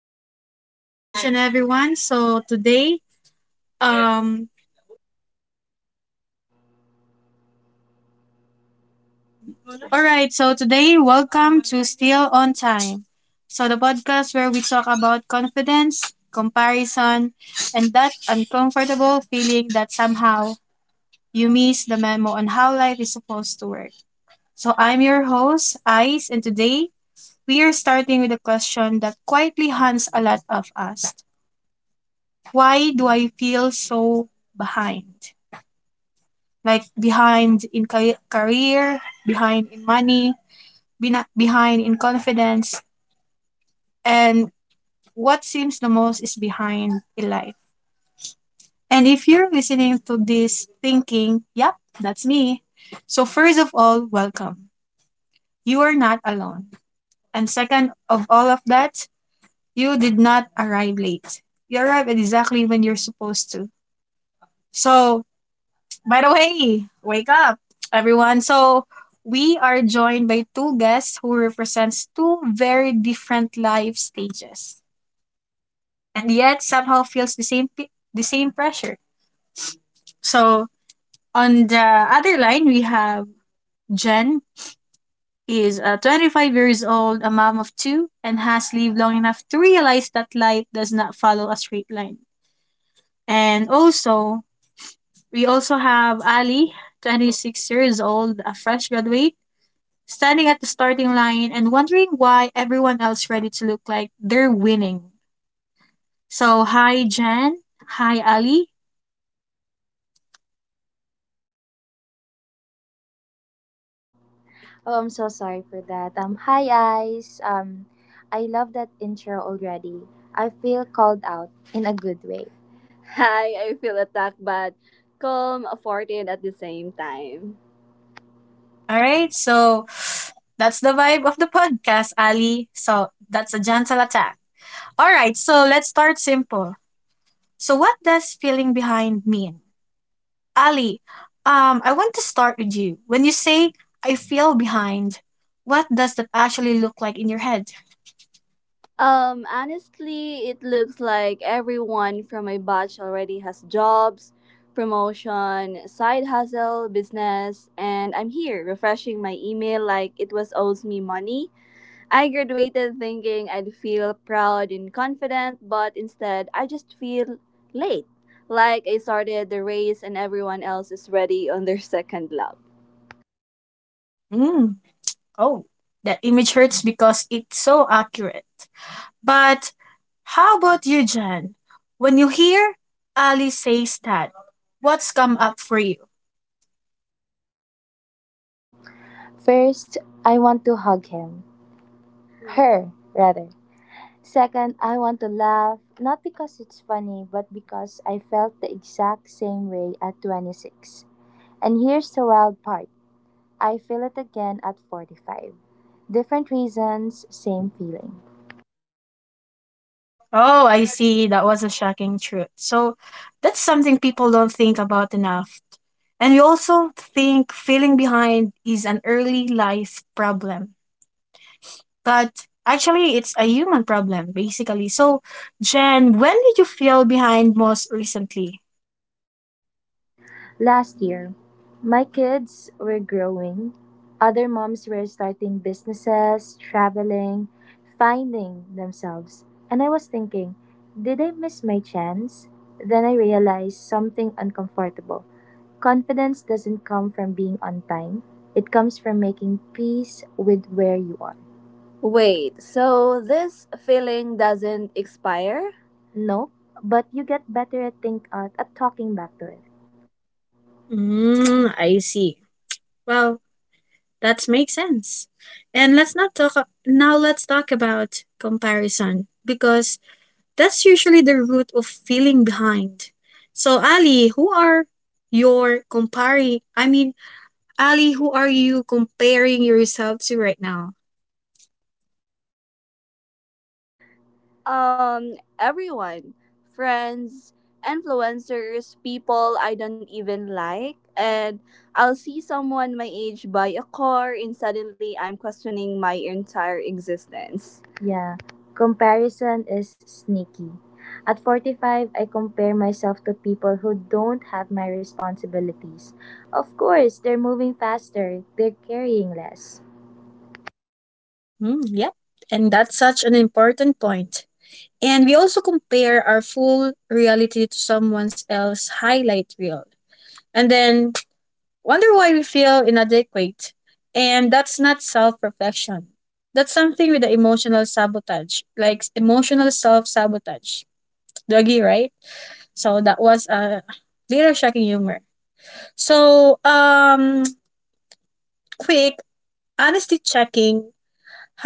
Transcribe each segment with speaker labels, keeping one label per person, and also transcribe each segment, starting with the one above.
Speaker 1: so good morning to each and everyone. So today, um, all right, so today, welcome to Still on Time. So the podcast where we talk about confidence, comparison, and that uncomfortable feeling that somehow you miss the memo on how life is supposed to work. So I'm your host, Ice, and today we are starting with a question that quietly haunts a lot of us. Why do I feel so behind? Like behind in career, behind in money, behind in confidence, and what seems the most is behind in life. And if you're listening to this thinking, yep, that's me. So, first of all, welcome. You are not alone. And second of all of that, you did not arrive late. You arrived exactly when you're supposed to. So, by the way, wake up, everyone. So we are joined by two guests who represents two very different life stages, and yet somehow feels the same the same pressure. So on the other line, we have Jen is 25 years old, a mom of two, and has lived long enough to realize that life does not follow a straight line. And also, we also have Ali, 26 years old, a fresh graduate standing at the starting line and wondering why everyone else ready to look like they're winning. So, hi, Jan. Hi, Ali.
Speaker 2: Oh, I'm so sorry for that. Hi, guys. I love that intro already. I feel called out in a good way. Hi, I feel attacked but calm, afforded at the same time.
Speaker 1: All right. So, that's the vibe of the podcast, Ali. So, that's a gentle attack. All right. So, let's start simple. So, what does feeling behind mean? Ali, I want to start with you. When you say, I feel behind, what does that actually look like in your head?
Speaker 2: Honestly, it looks like everyone from my batch already has jobs, promotion, side hustle, business, and I'm here refreshing my email like it was owes me money. I graduated thinking I'd feel proud and confident, but instead I just feel late. Like I started the race and everyone else is ready on their second lap.
Speaker 1: Mm. Oh, that image hurts because it's so accurate. But how about you, Jan? When you hear Ali says that, what's come up for you?
Speaker 2: First, I want to hug him. Her, rather. Second, I want to laugh, not because it's funny, but because I felt the exact same way at 26. And here's the wild part, I feel it again at 45. Different reasons, same feeling.
Speaker 1: Oh, I see. That was a shocking truth. So that's something people don't think about enough. And we also think feeling behind is an early life problem. But actually, it's a human problem, basically. So, Jen, when did you feel behind most recently?
Speaker 2: Last year, my kids were growing. Other moms were starting businesses, traveling, finding themselves. And I was thinking, did I miss my chance? Then I realized something uncomfortable. Confidence doesn't come from being on time, it comes from making peace with where you are. Wait, so this feeling doesn't expire? No, but you get better at at talking back to it.
Speaker 1: Mm, I see. Well, that makes sense. And let's not talk a- now let's talk about comparison because that's usually the root of feeling behind. So Ali, who are your comparing I mean Ali, who are you comparing yourself to right now?
Speaker 2: Everyone, friends, influencers, people I don't even like, and I'll see someone my age buy a car, and suddenly I'm questioning my entire existence. Yeah, comparison is sneaky. At 45, I compare myself to people who don't have my responsibilities. Of course, they're moving faster, they're carrying less.
Speaker 1: Mm, yep. And that's such an important point. And we also compare our full reality to someone else's highlight reel. And then wonder why we feel inadequate. And that's not self reflection. That's something with the emotional sabotage, like emotional self sabotage. Doggy, right? So that was a little shocking humor. So, quick honesty checking.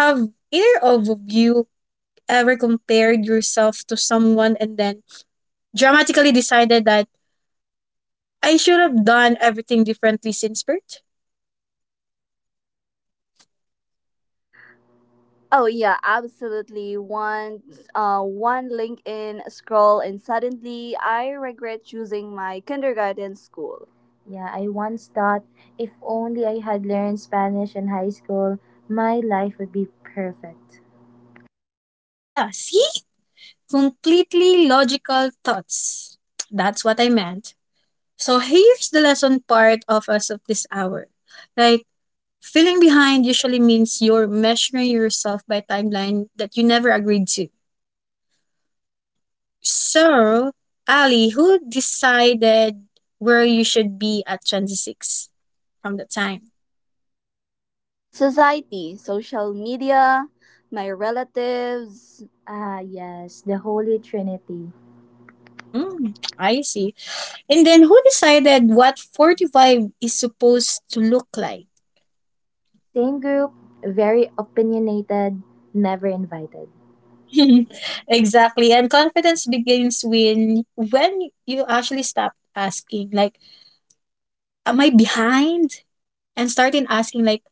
Speaker 1: Have either of you ever compared yourself to someone and then dramatically decided that I should have done everything differently since birth?
Speaker 2: Oh yeah, absolutely. Once One LinkedIn scroll and suddenly I regret choosing my kindergarten school. Yeah, I once thought if only I had learned Spanish in high school, my life would be perfect.
Speaker 1: Yeah, see? Completely logical thoughts. That's what I meant. So here's the lesson part of us of this hour. Like feeling behind usually means you're measuring yourself by timeline that you never agreed to. So, Ali, who decided where you should be at 26 from the time?
Speaker 2: Society, social media, my relatives. Ah, yes, the Holy Trinity.
Speaker 1: Hmm, I see. And then who decided what 45 is supposed to look like?
Speaker 2: Same group, very opinionated, never invited.
Speaker 1: Exactly. And confidence begins when you actually stop asking like am I behind and starting asking like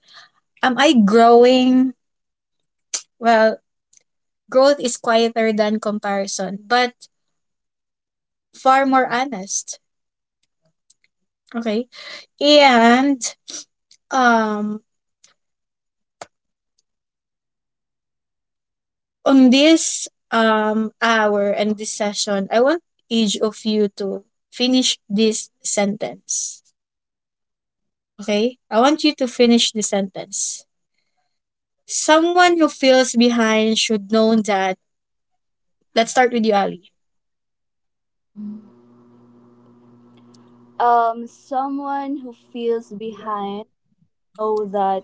Speaker 1: am I growing? Well, growth is quieter than comparison, but far more honest. Okay? And um on this hour and this session, I want each of you to finish this sentence. Okay? I want you to finish the sentence. Someone who feels behind should know that. Let's start with you, Ali.
Speaker 2: Someone who feels behind. Know that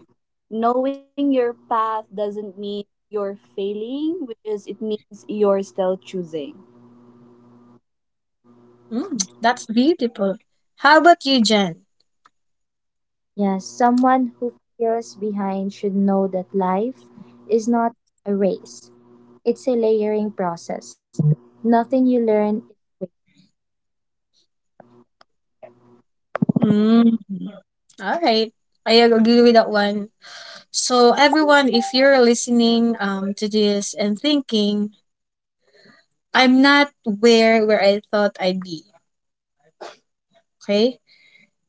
Speaker 2: knowing your path doesn't mean you're failing, which is it means you're still choosing.
Speaker 1: Mm, that's beautiful. How about you, Jen?
Speaker 2: Yes, someone who feels behind should know that life is not a race, it's a layering process. Nothing you learn is.
Speaker 1: Mm, all right. I agree with that one. So, everyone, if you're listening to this and thinking, I'm not where I thought I'd be, okay?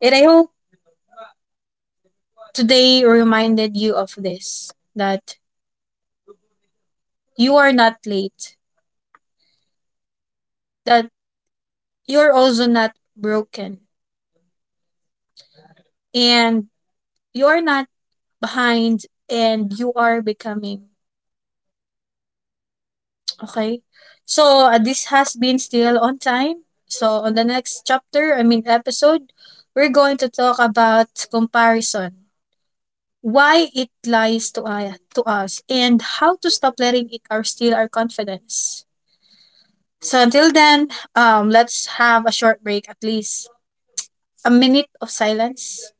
Speaker 1: And I hope today reminded you of this that you are not late, that you're also not broken, and you are not behind and you are becoming. Okay? So, this has been still on time. So, on the next chapter, I mean episode, we're going to talk about comparison, why it lies to us, and how to stop letting it or steal our confidence. So, until then, let's have a short break, at least a minute of silence.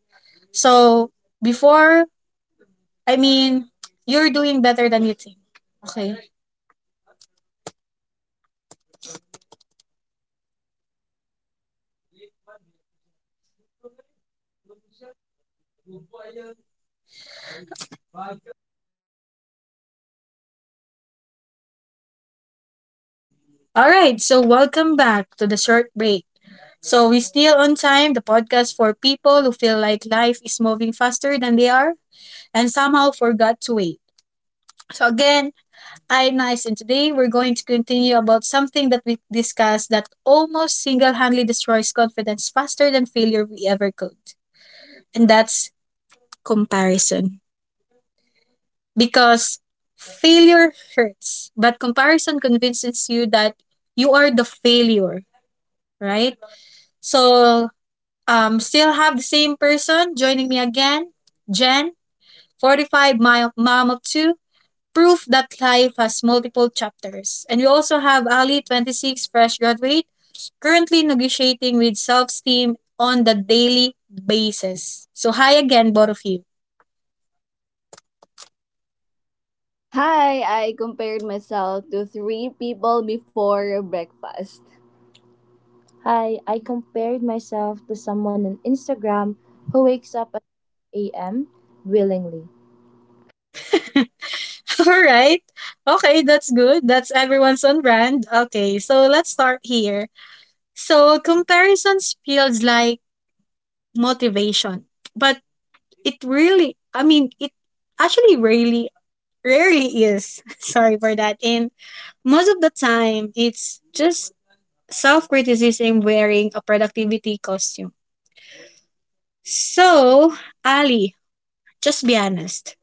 Speaker 1: So, before, I mean, you're doing better than you think. Okay? All right, so welcome back to the short break. So we still on time, the podcast for people who feel like life is moving faster than they are and somehow forgot to wait. So again, I'm Nice and today we're going to continue about something that we discussed that almost single-handedly destroys confidence faster than failure we ever could. And that's comparison. Because failure hurts, but comparison convinces you that you are the failure, right? So still have the same person joining me again, Jen, 45, my mom of two, proof that life has multiple chapters. And we also have Ali, 26, fresh graduate, currently negotiating with self esteem on the daily basis. So, hi again, both of you.
Speaker 2: Hi, I compared myself to three people before breakfast. Hi, I compared myself to someone on Instagram who wakes up at 8 a.m. willingly.
Speaker 1: All right. Okay, that's good. That's everyone's on brand. Okay, so let's start here. So, comparisons feels like motivation, but it actually really, rarely is sorry for that and most of the time it's just self-criticism wearing a productivity costume. So Ali, just be honest,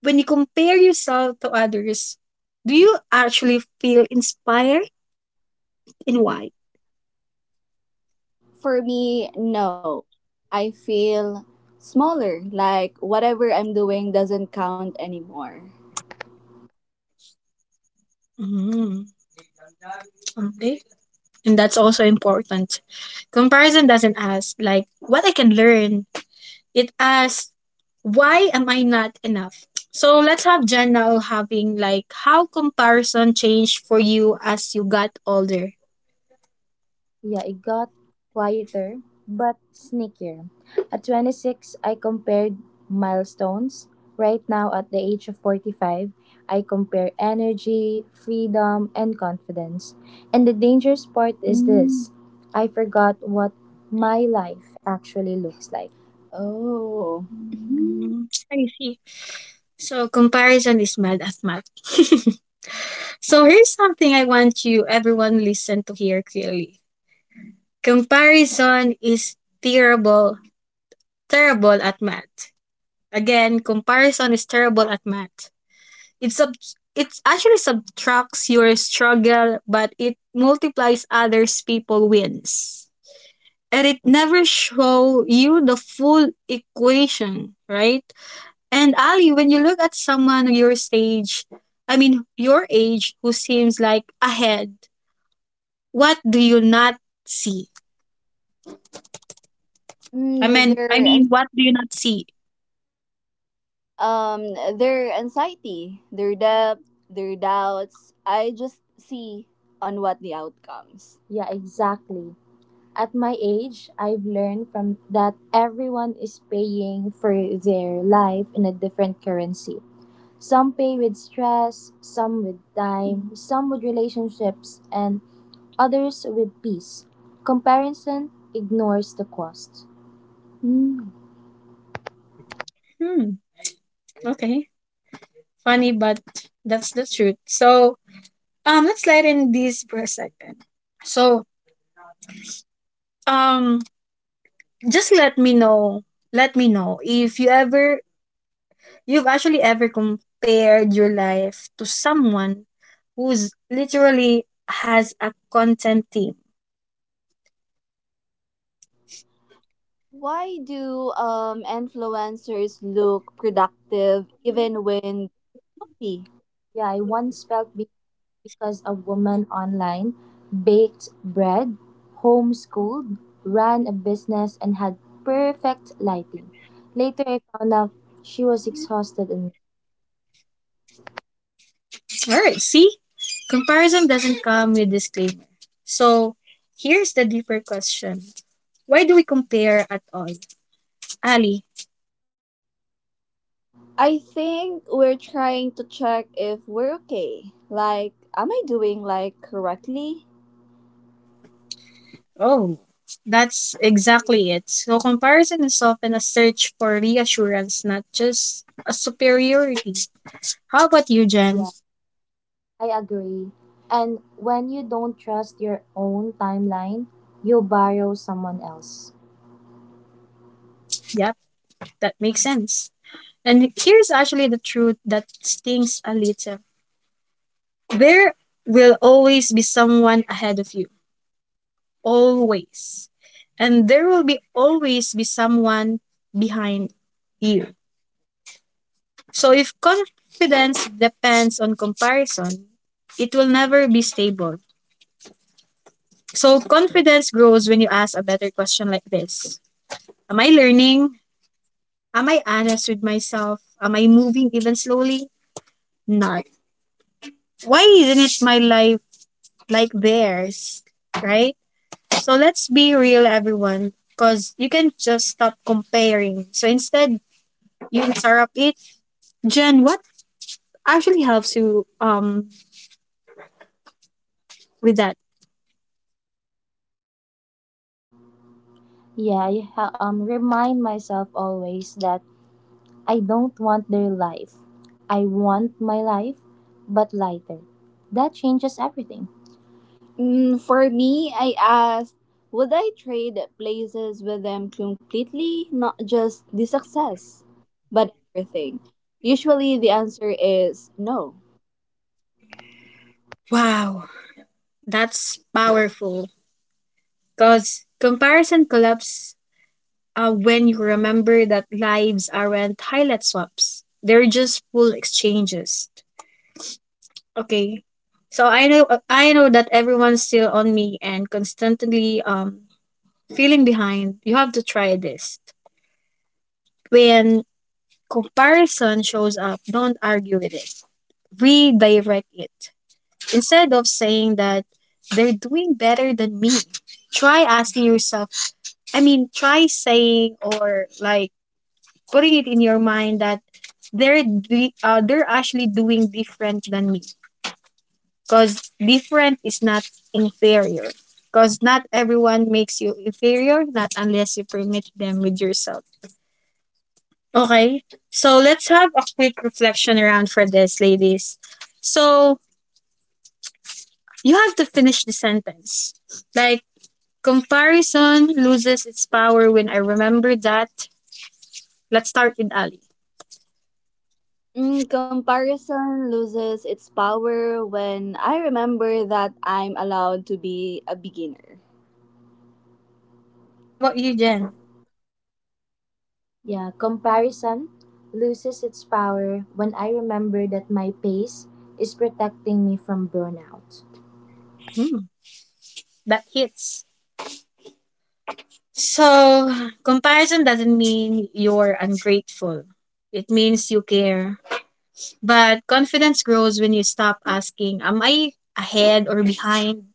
Speaker 1: when you compare yourself to others, do you actually feel inspired and why?
Speaker 2: For me, no. I feel smaller, like whatever I'm doing doesn't count anymore.
Speaker 1: Mm, okay. And that's also important. Comparison doesn't ask like what I can learn. It asks, why am I not enough? So let's have Jen now having like how comparison changed for you as you got older.
Speaker 2: Yeah, it got quieter, but sneakier. At 26, I compared milestones. Right now, at the age of 45, I compare energy, freedom, and confidence. And the dangerous part is this, I forgot what my life actually looks like. Oh.
Speaker 1: Mm, I see. So comparison is mad at math. So here's something I want you everyone listen to hear clearly. Comparison is terrible, terrible at math. Again, comparison is terrible at math. It sub it actually subtracts your struggle, but it multiplies others people wins. And it never show you the full equation, right? And Ali, when you look at someone your stage, I mean your age who seems like ahead, what do you not see?
Speaker 2: Mm,
Speaker 1: I
Speaker 2: th-
Speaker 1: mean
Speaker 2: there
Speaker 1: I
Speaker 2: are
Speaker 1: mean what do you not see?
Speaker 2: um their anxiety, their doubt, their doubts. I just see on what the outcomes. Yeah, exactly. At my age, I've learned from that everyone is paying for their life in a different currency. Some pay with stress, some with time, some with relationships, and others with peace. Comparison ignores the cost.
Speaker 1: Hmm. Okay. Funny but that's the truth. So let's slide in this for a second. So um just let me know if you ever you've actually ever compared your life to someone who's literally has a content team.
Speaker 2: Why do influencers look productive even when healthy? Yeah, I once felt be- because a woman online baked bread, homeschooled, ran a business, and had perfect lighting. Later, I found out she was exhausted and
Speaker 1: All right, see, comparison doesn't come with disclaimer. So here's the deeper question, why do we compare at all, Ali?
Speaker 2: I think we're trying to check if we're okay. Like, am I doing like correctly?
Speaker 1: Oh, that's exactly it. So comparison is often a search for reassurance not just a superiority. How about you,
Speaker 2: Yeah.
Speaker 1: Jen?
Speaker 2: I agree. And when you don't trust your own timeline, you borrow someone else.
Speaker 1: Yep, that makes sense. And here's actually the truth that stings a little. There will always be someone ahead of you. Always. And there will be always be someone behind you. So if confidence depends on comparison, it will never be stable. So confidence grows when you ask a better question like this. Am I learning? Am I honest with myself? Am I moving even slowly? Not. Why didn't my life like theirs, right? So let's be real, everyone, because you can just stop comparing. So instead, you interrupt it. Jen, what actually helps you with that?
Speaker 2: Yeah, remind myself always that I don't want their life. I want my life, but lighter. That changes everything. Mm, for me, I asked, would I trade places with them completely? Not just the success, but everything. Usually the answer is no.
Speaker 1: Wow, that's powerful. Because comparison collapse when you remember that lives aren't highlight swaps; they're just full exchanges. Okay, so I know that everyone's still on me and constantly feeling behind, you have to try this. When comparison shows up, don't argue with it. Redirect it. Instead of saying that they're doing better than me, try asking yourself, try saying or like putting it in your mind that they're actually doing different than me because different is not inferior, because not everyone makes you inferior not unless you permit them with yourself. Okay. So let's have a quick reflection around for this, ladies. So you have to finish the sentence. Like comparison loses its power when I remember that. Let's start with Ali.
Speaker 2: Mm, comparison loses its power when I remember that I'm allowed to be a beginner.
Speaker 1: How about you, Jen?
Speaker 2: Yeah, comparison loses its power when I remember that my pace is protecting me from burnout.
Speaker 1: Hmm, that hits. So comparison doesn't mean you're ungrateful. It means you care. But confidence grows when you stop asking, am I ahead or behind?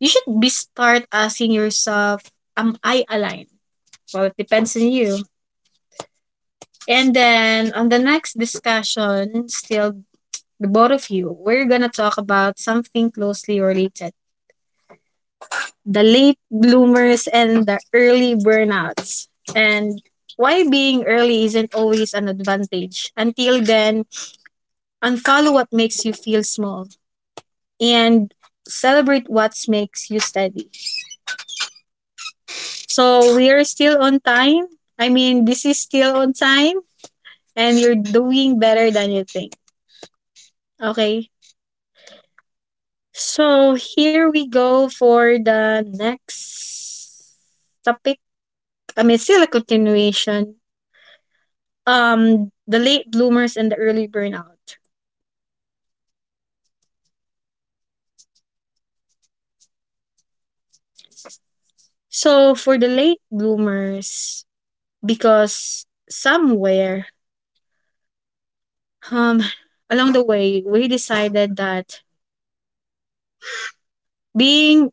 Speaker 1: You should be start asking yourself, am I aligned? Well, it depends on you. And then on the next discussion, still the both of you, we're gonna talk about something closely related. The late bloomers and the early burnouts. And why being early isn't always an advantage. Until then, unfollow what makes you feel small and celebrate what makes you steady. So we are still on time. This is still on time and you're doing better than you think. Okay. So here we go for the next topic. Still a continuation. The late bloomers and the early burnout. So for the late bloomers, because somewhere um along the way we decided that being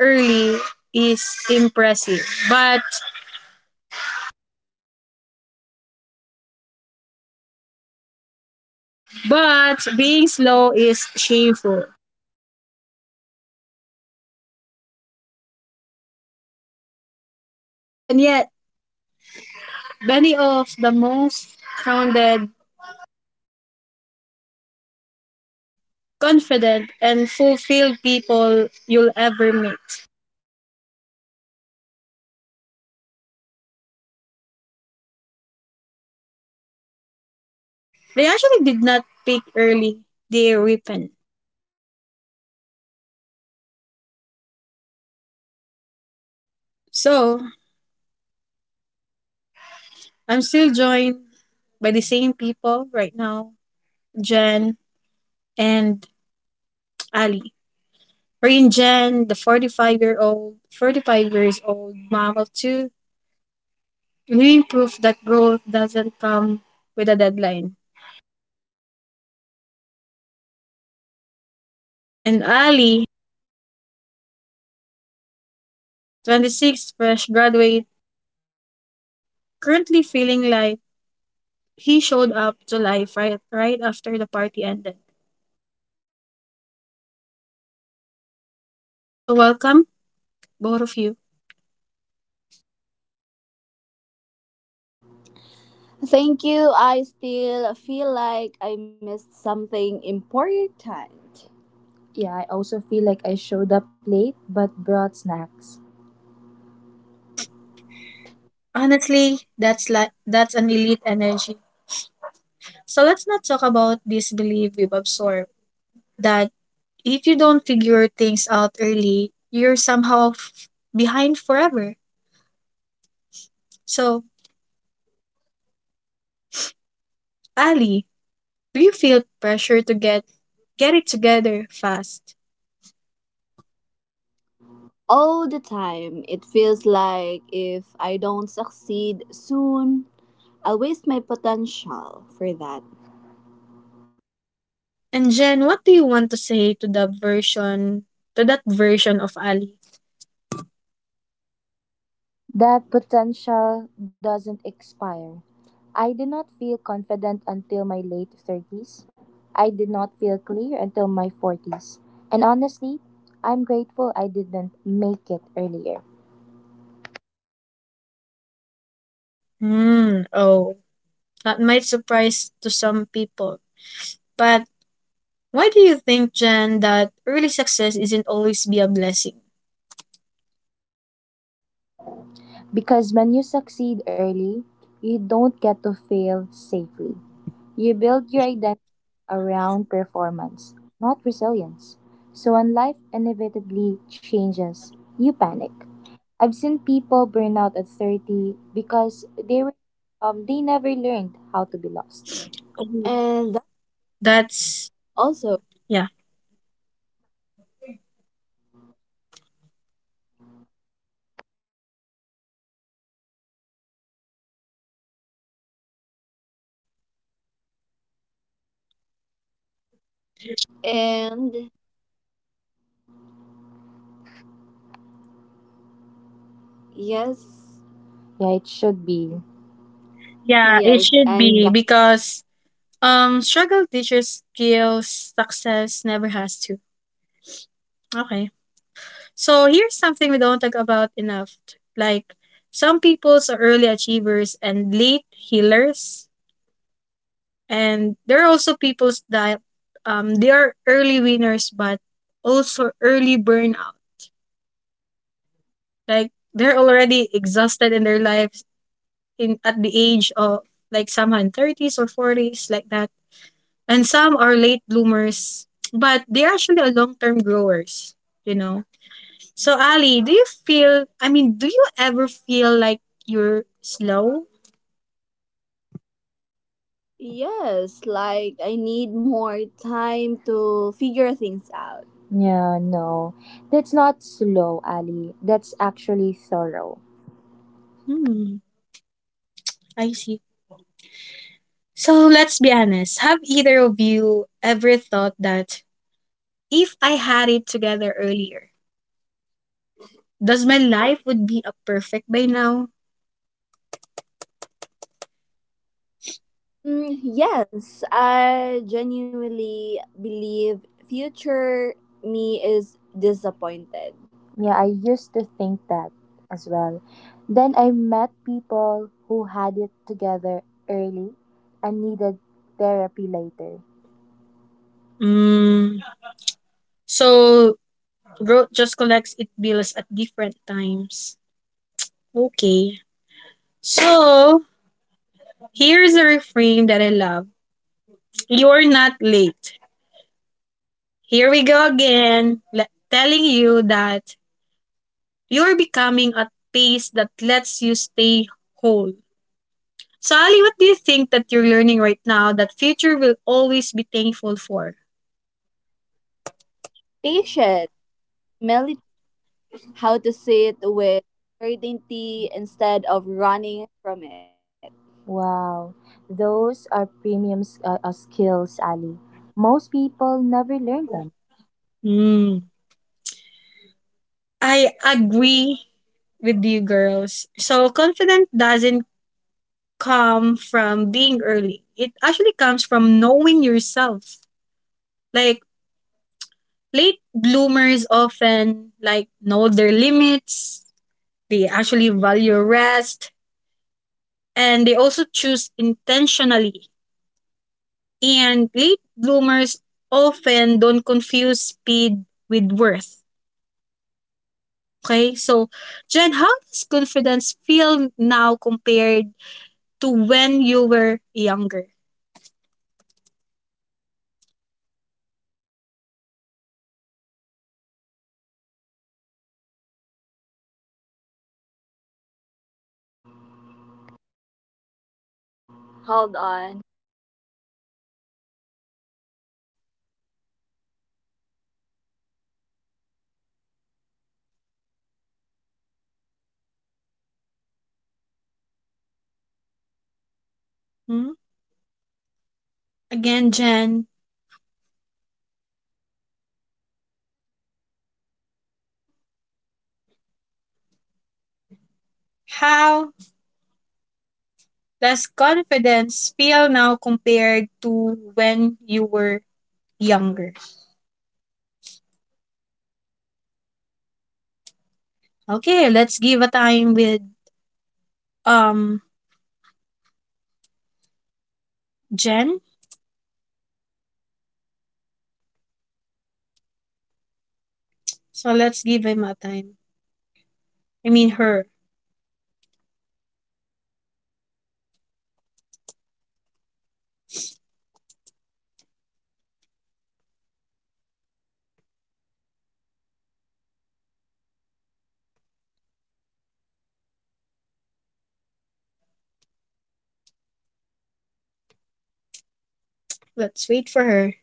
Speaker 1: early is impressive, but being slow is shameful. And yet, many of the most grounded, confident, and fulfilled people you'll ever meet, they actually did not pick early, they repent. So, I'm still joined by the same people right now, Jen and Ali. We're in Jen, the 45-year-old, 45 years old mom of two, living proof that growth doesn't come with a deadline. And Ali, 26, fresh graduate, currently feeling like he showed up to life right after the party ended. So welcome, both of you.
Speaker 2: Thank you. I still feel like I missed something important. Yeah, I also feel like I showed up late but brought snacks.
Speaker 1: Honestly, that's an elite energy. So let's not talk about this belief we've absorbed that if you don't figure things out early, you're somehow behind forever. So, Ali, do you feel pressure to get it together fast?
Speaker 2: All the time, it feels like if I don't succeed soon, I'll waste my potential for that.
Speaker 1: And Jen, what do you want to say to the version to that version of Ali?
Speaker 2: That potential doesn't expire. I did not feel confident until my late 30s. I did not feel clear until my 40s. And honestly, I'm grateful I didn't make it earlier.
Speaker 1: Hmm, oh. That might surprise to some people. But why do you think, Jen, that early success isn't always be a blessing?
Speaker 2: Because when you succeed early, you don't get to fail safely. You build your identity around performance, not resilience. So when life inevitably changes, you panic. I've seen people burn out at 30 because they never learned how to be lost.
Speaker 1: Mhm.
Speaker 2: And that
Speaker 1: That's
Speaker 2: also.
Speaker 1: yeah.
Speaker 2: And yes, yeah, it should be.
Speaker 1: Yeah, it
Speaker 2: Yes,
Speaker 1: should
Speaker 2: and
Speaker 1: be
Speaker 2: that
Speaker 1: because struggle teaches skills, success never has to. Okay. So here's something we don't talk about enough. Like some people's are early achievers and late healers. And there are also peoples that they are early winners but also early burnout. Like they're already exhausted in their lives in at the age of like somehow in thirties or forties like that. And some are late bloomers, but they're actually a long term growers, you know. So Ali, do you feel do you ever feel like you're slow?
Speaker 2: yes, like I need more time to figure things out. Yeah, no. That's not slow, Ali. That's actually thorough.
Speaker 1: Hmm, I see. So let's be honest. Have either of you ever thought that if I had it together earlier, does my life would be a perfect by now?
Speaker 2: Mm, yes, I genuinely believe future me is disappointed. Yeah, I used to think that as well. Then I met people who had it together early and needed therapy later.
Speaker 1: Mm. So growth just collects it bills at different times. Okay. So here's a reframe that I love. You're not late. Here we go again, telling you that you're becoming a pace that lets you stay whole. Sally, what do you think that you're learning right now that future will always be thankful for?
Speaker 2: Patient, how to see it with certainty instead of running from it. Wow, those are premium skills, Ali. Most people never learn them.
Speaker 1: Hmm. I agree with you girls. So confidence doesn't come from being early. It actually comes from knowing yourself. Like late bloomers often like know their limits. They actually value rest and they also choose intentionally. And late bloomers often don't confuse speed with worth. Okay? So Jen, how does confidence feel now compared to when you were younger? Hmm? Again, Jen, how does confidence feel now compared to when you were younger? Okay, let's give a time with um Jen. So let's give him a time. I mean her. Let's wait for her.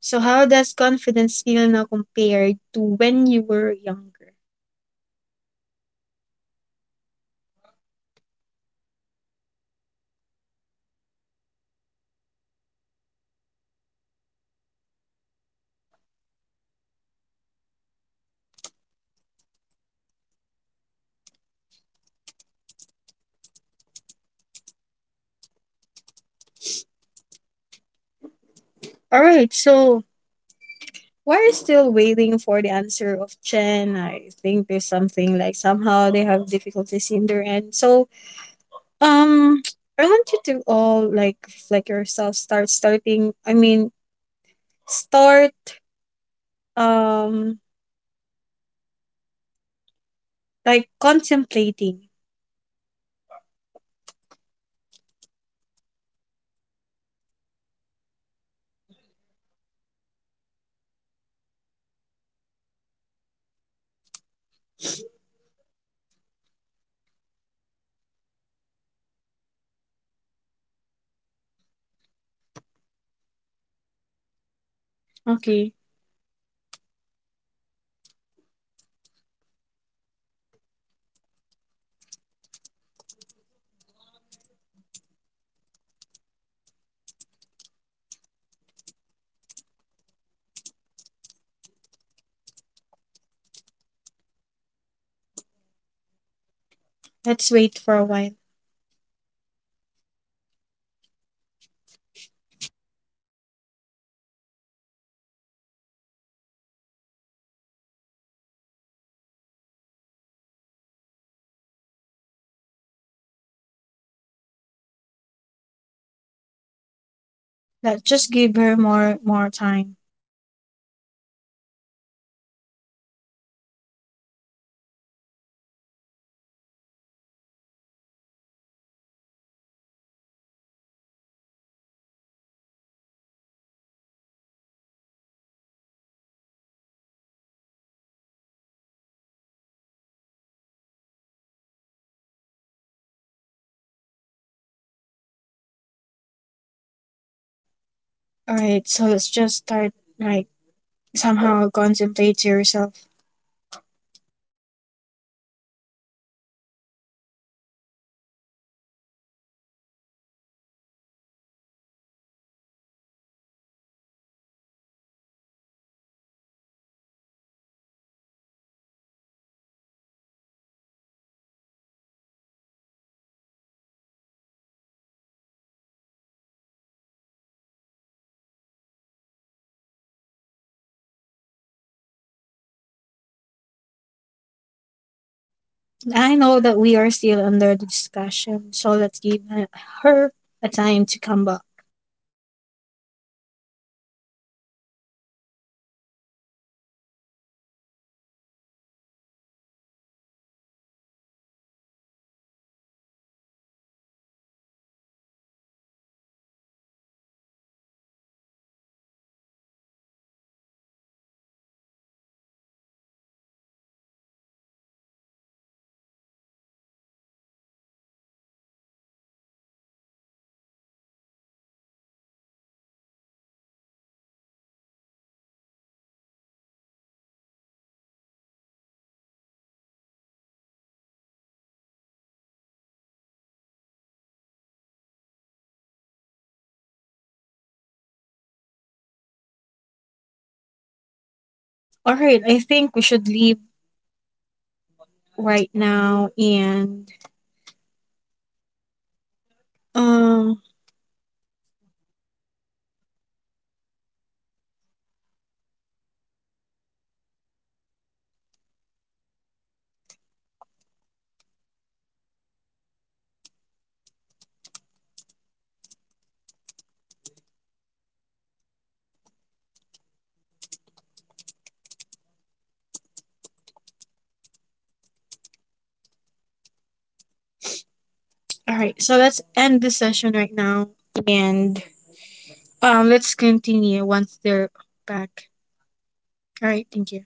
Speaker 1: So how does confidence feel now compared to when you were younger? All right. So we're still waiting for the answer of Chen. I think there's something like somehow they have difficulties in their end. So um I want you to all like reflect yourself, start starting I mean start um like contemplating. Okay. Let's wait for a while. Let us just give her more time. Alright, so let's just start like somehow contemplate to yourself. I know that we are still under the discussion, so let's give her a time to come back. All right, I think we should leave right now and um all right, so let's end the session right now and let's continue once they're back. All right, thank you.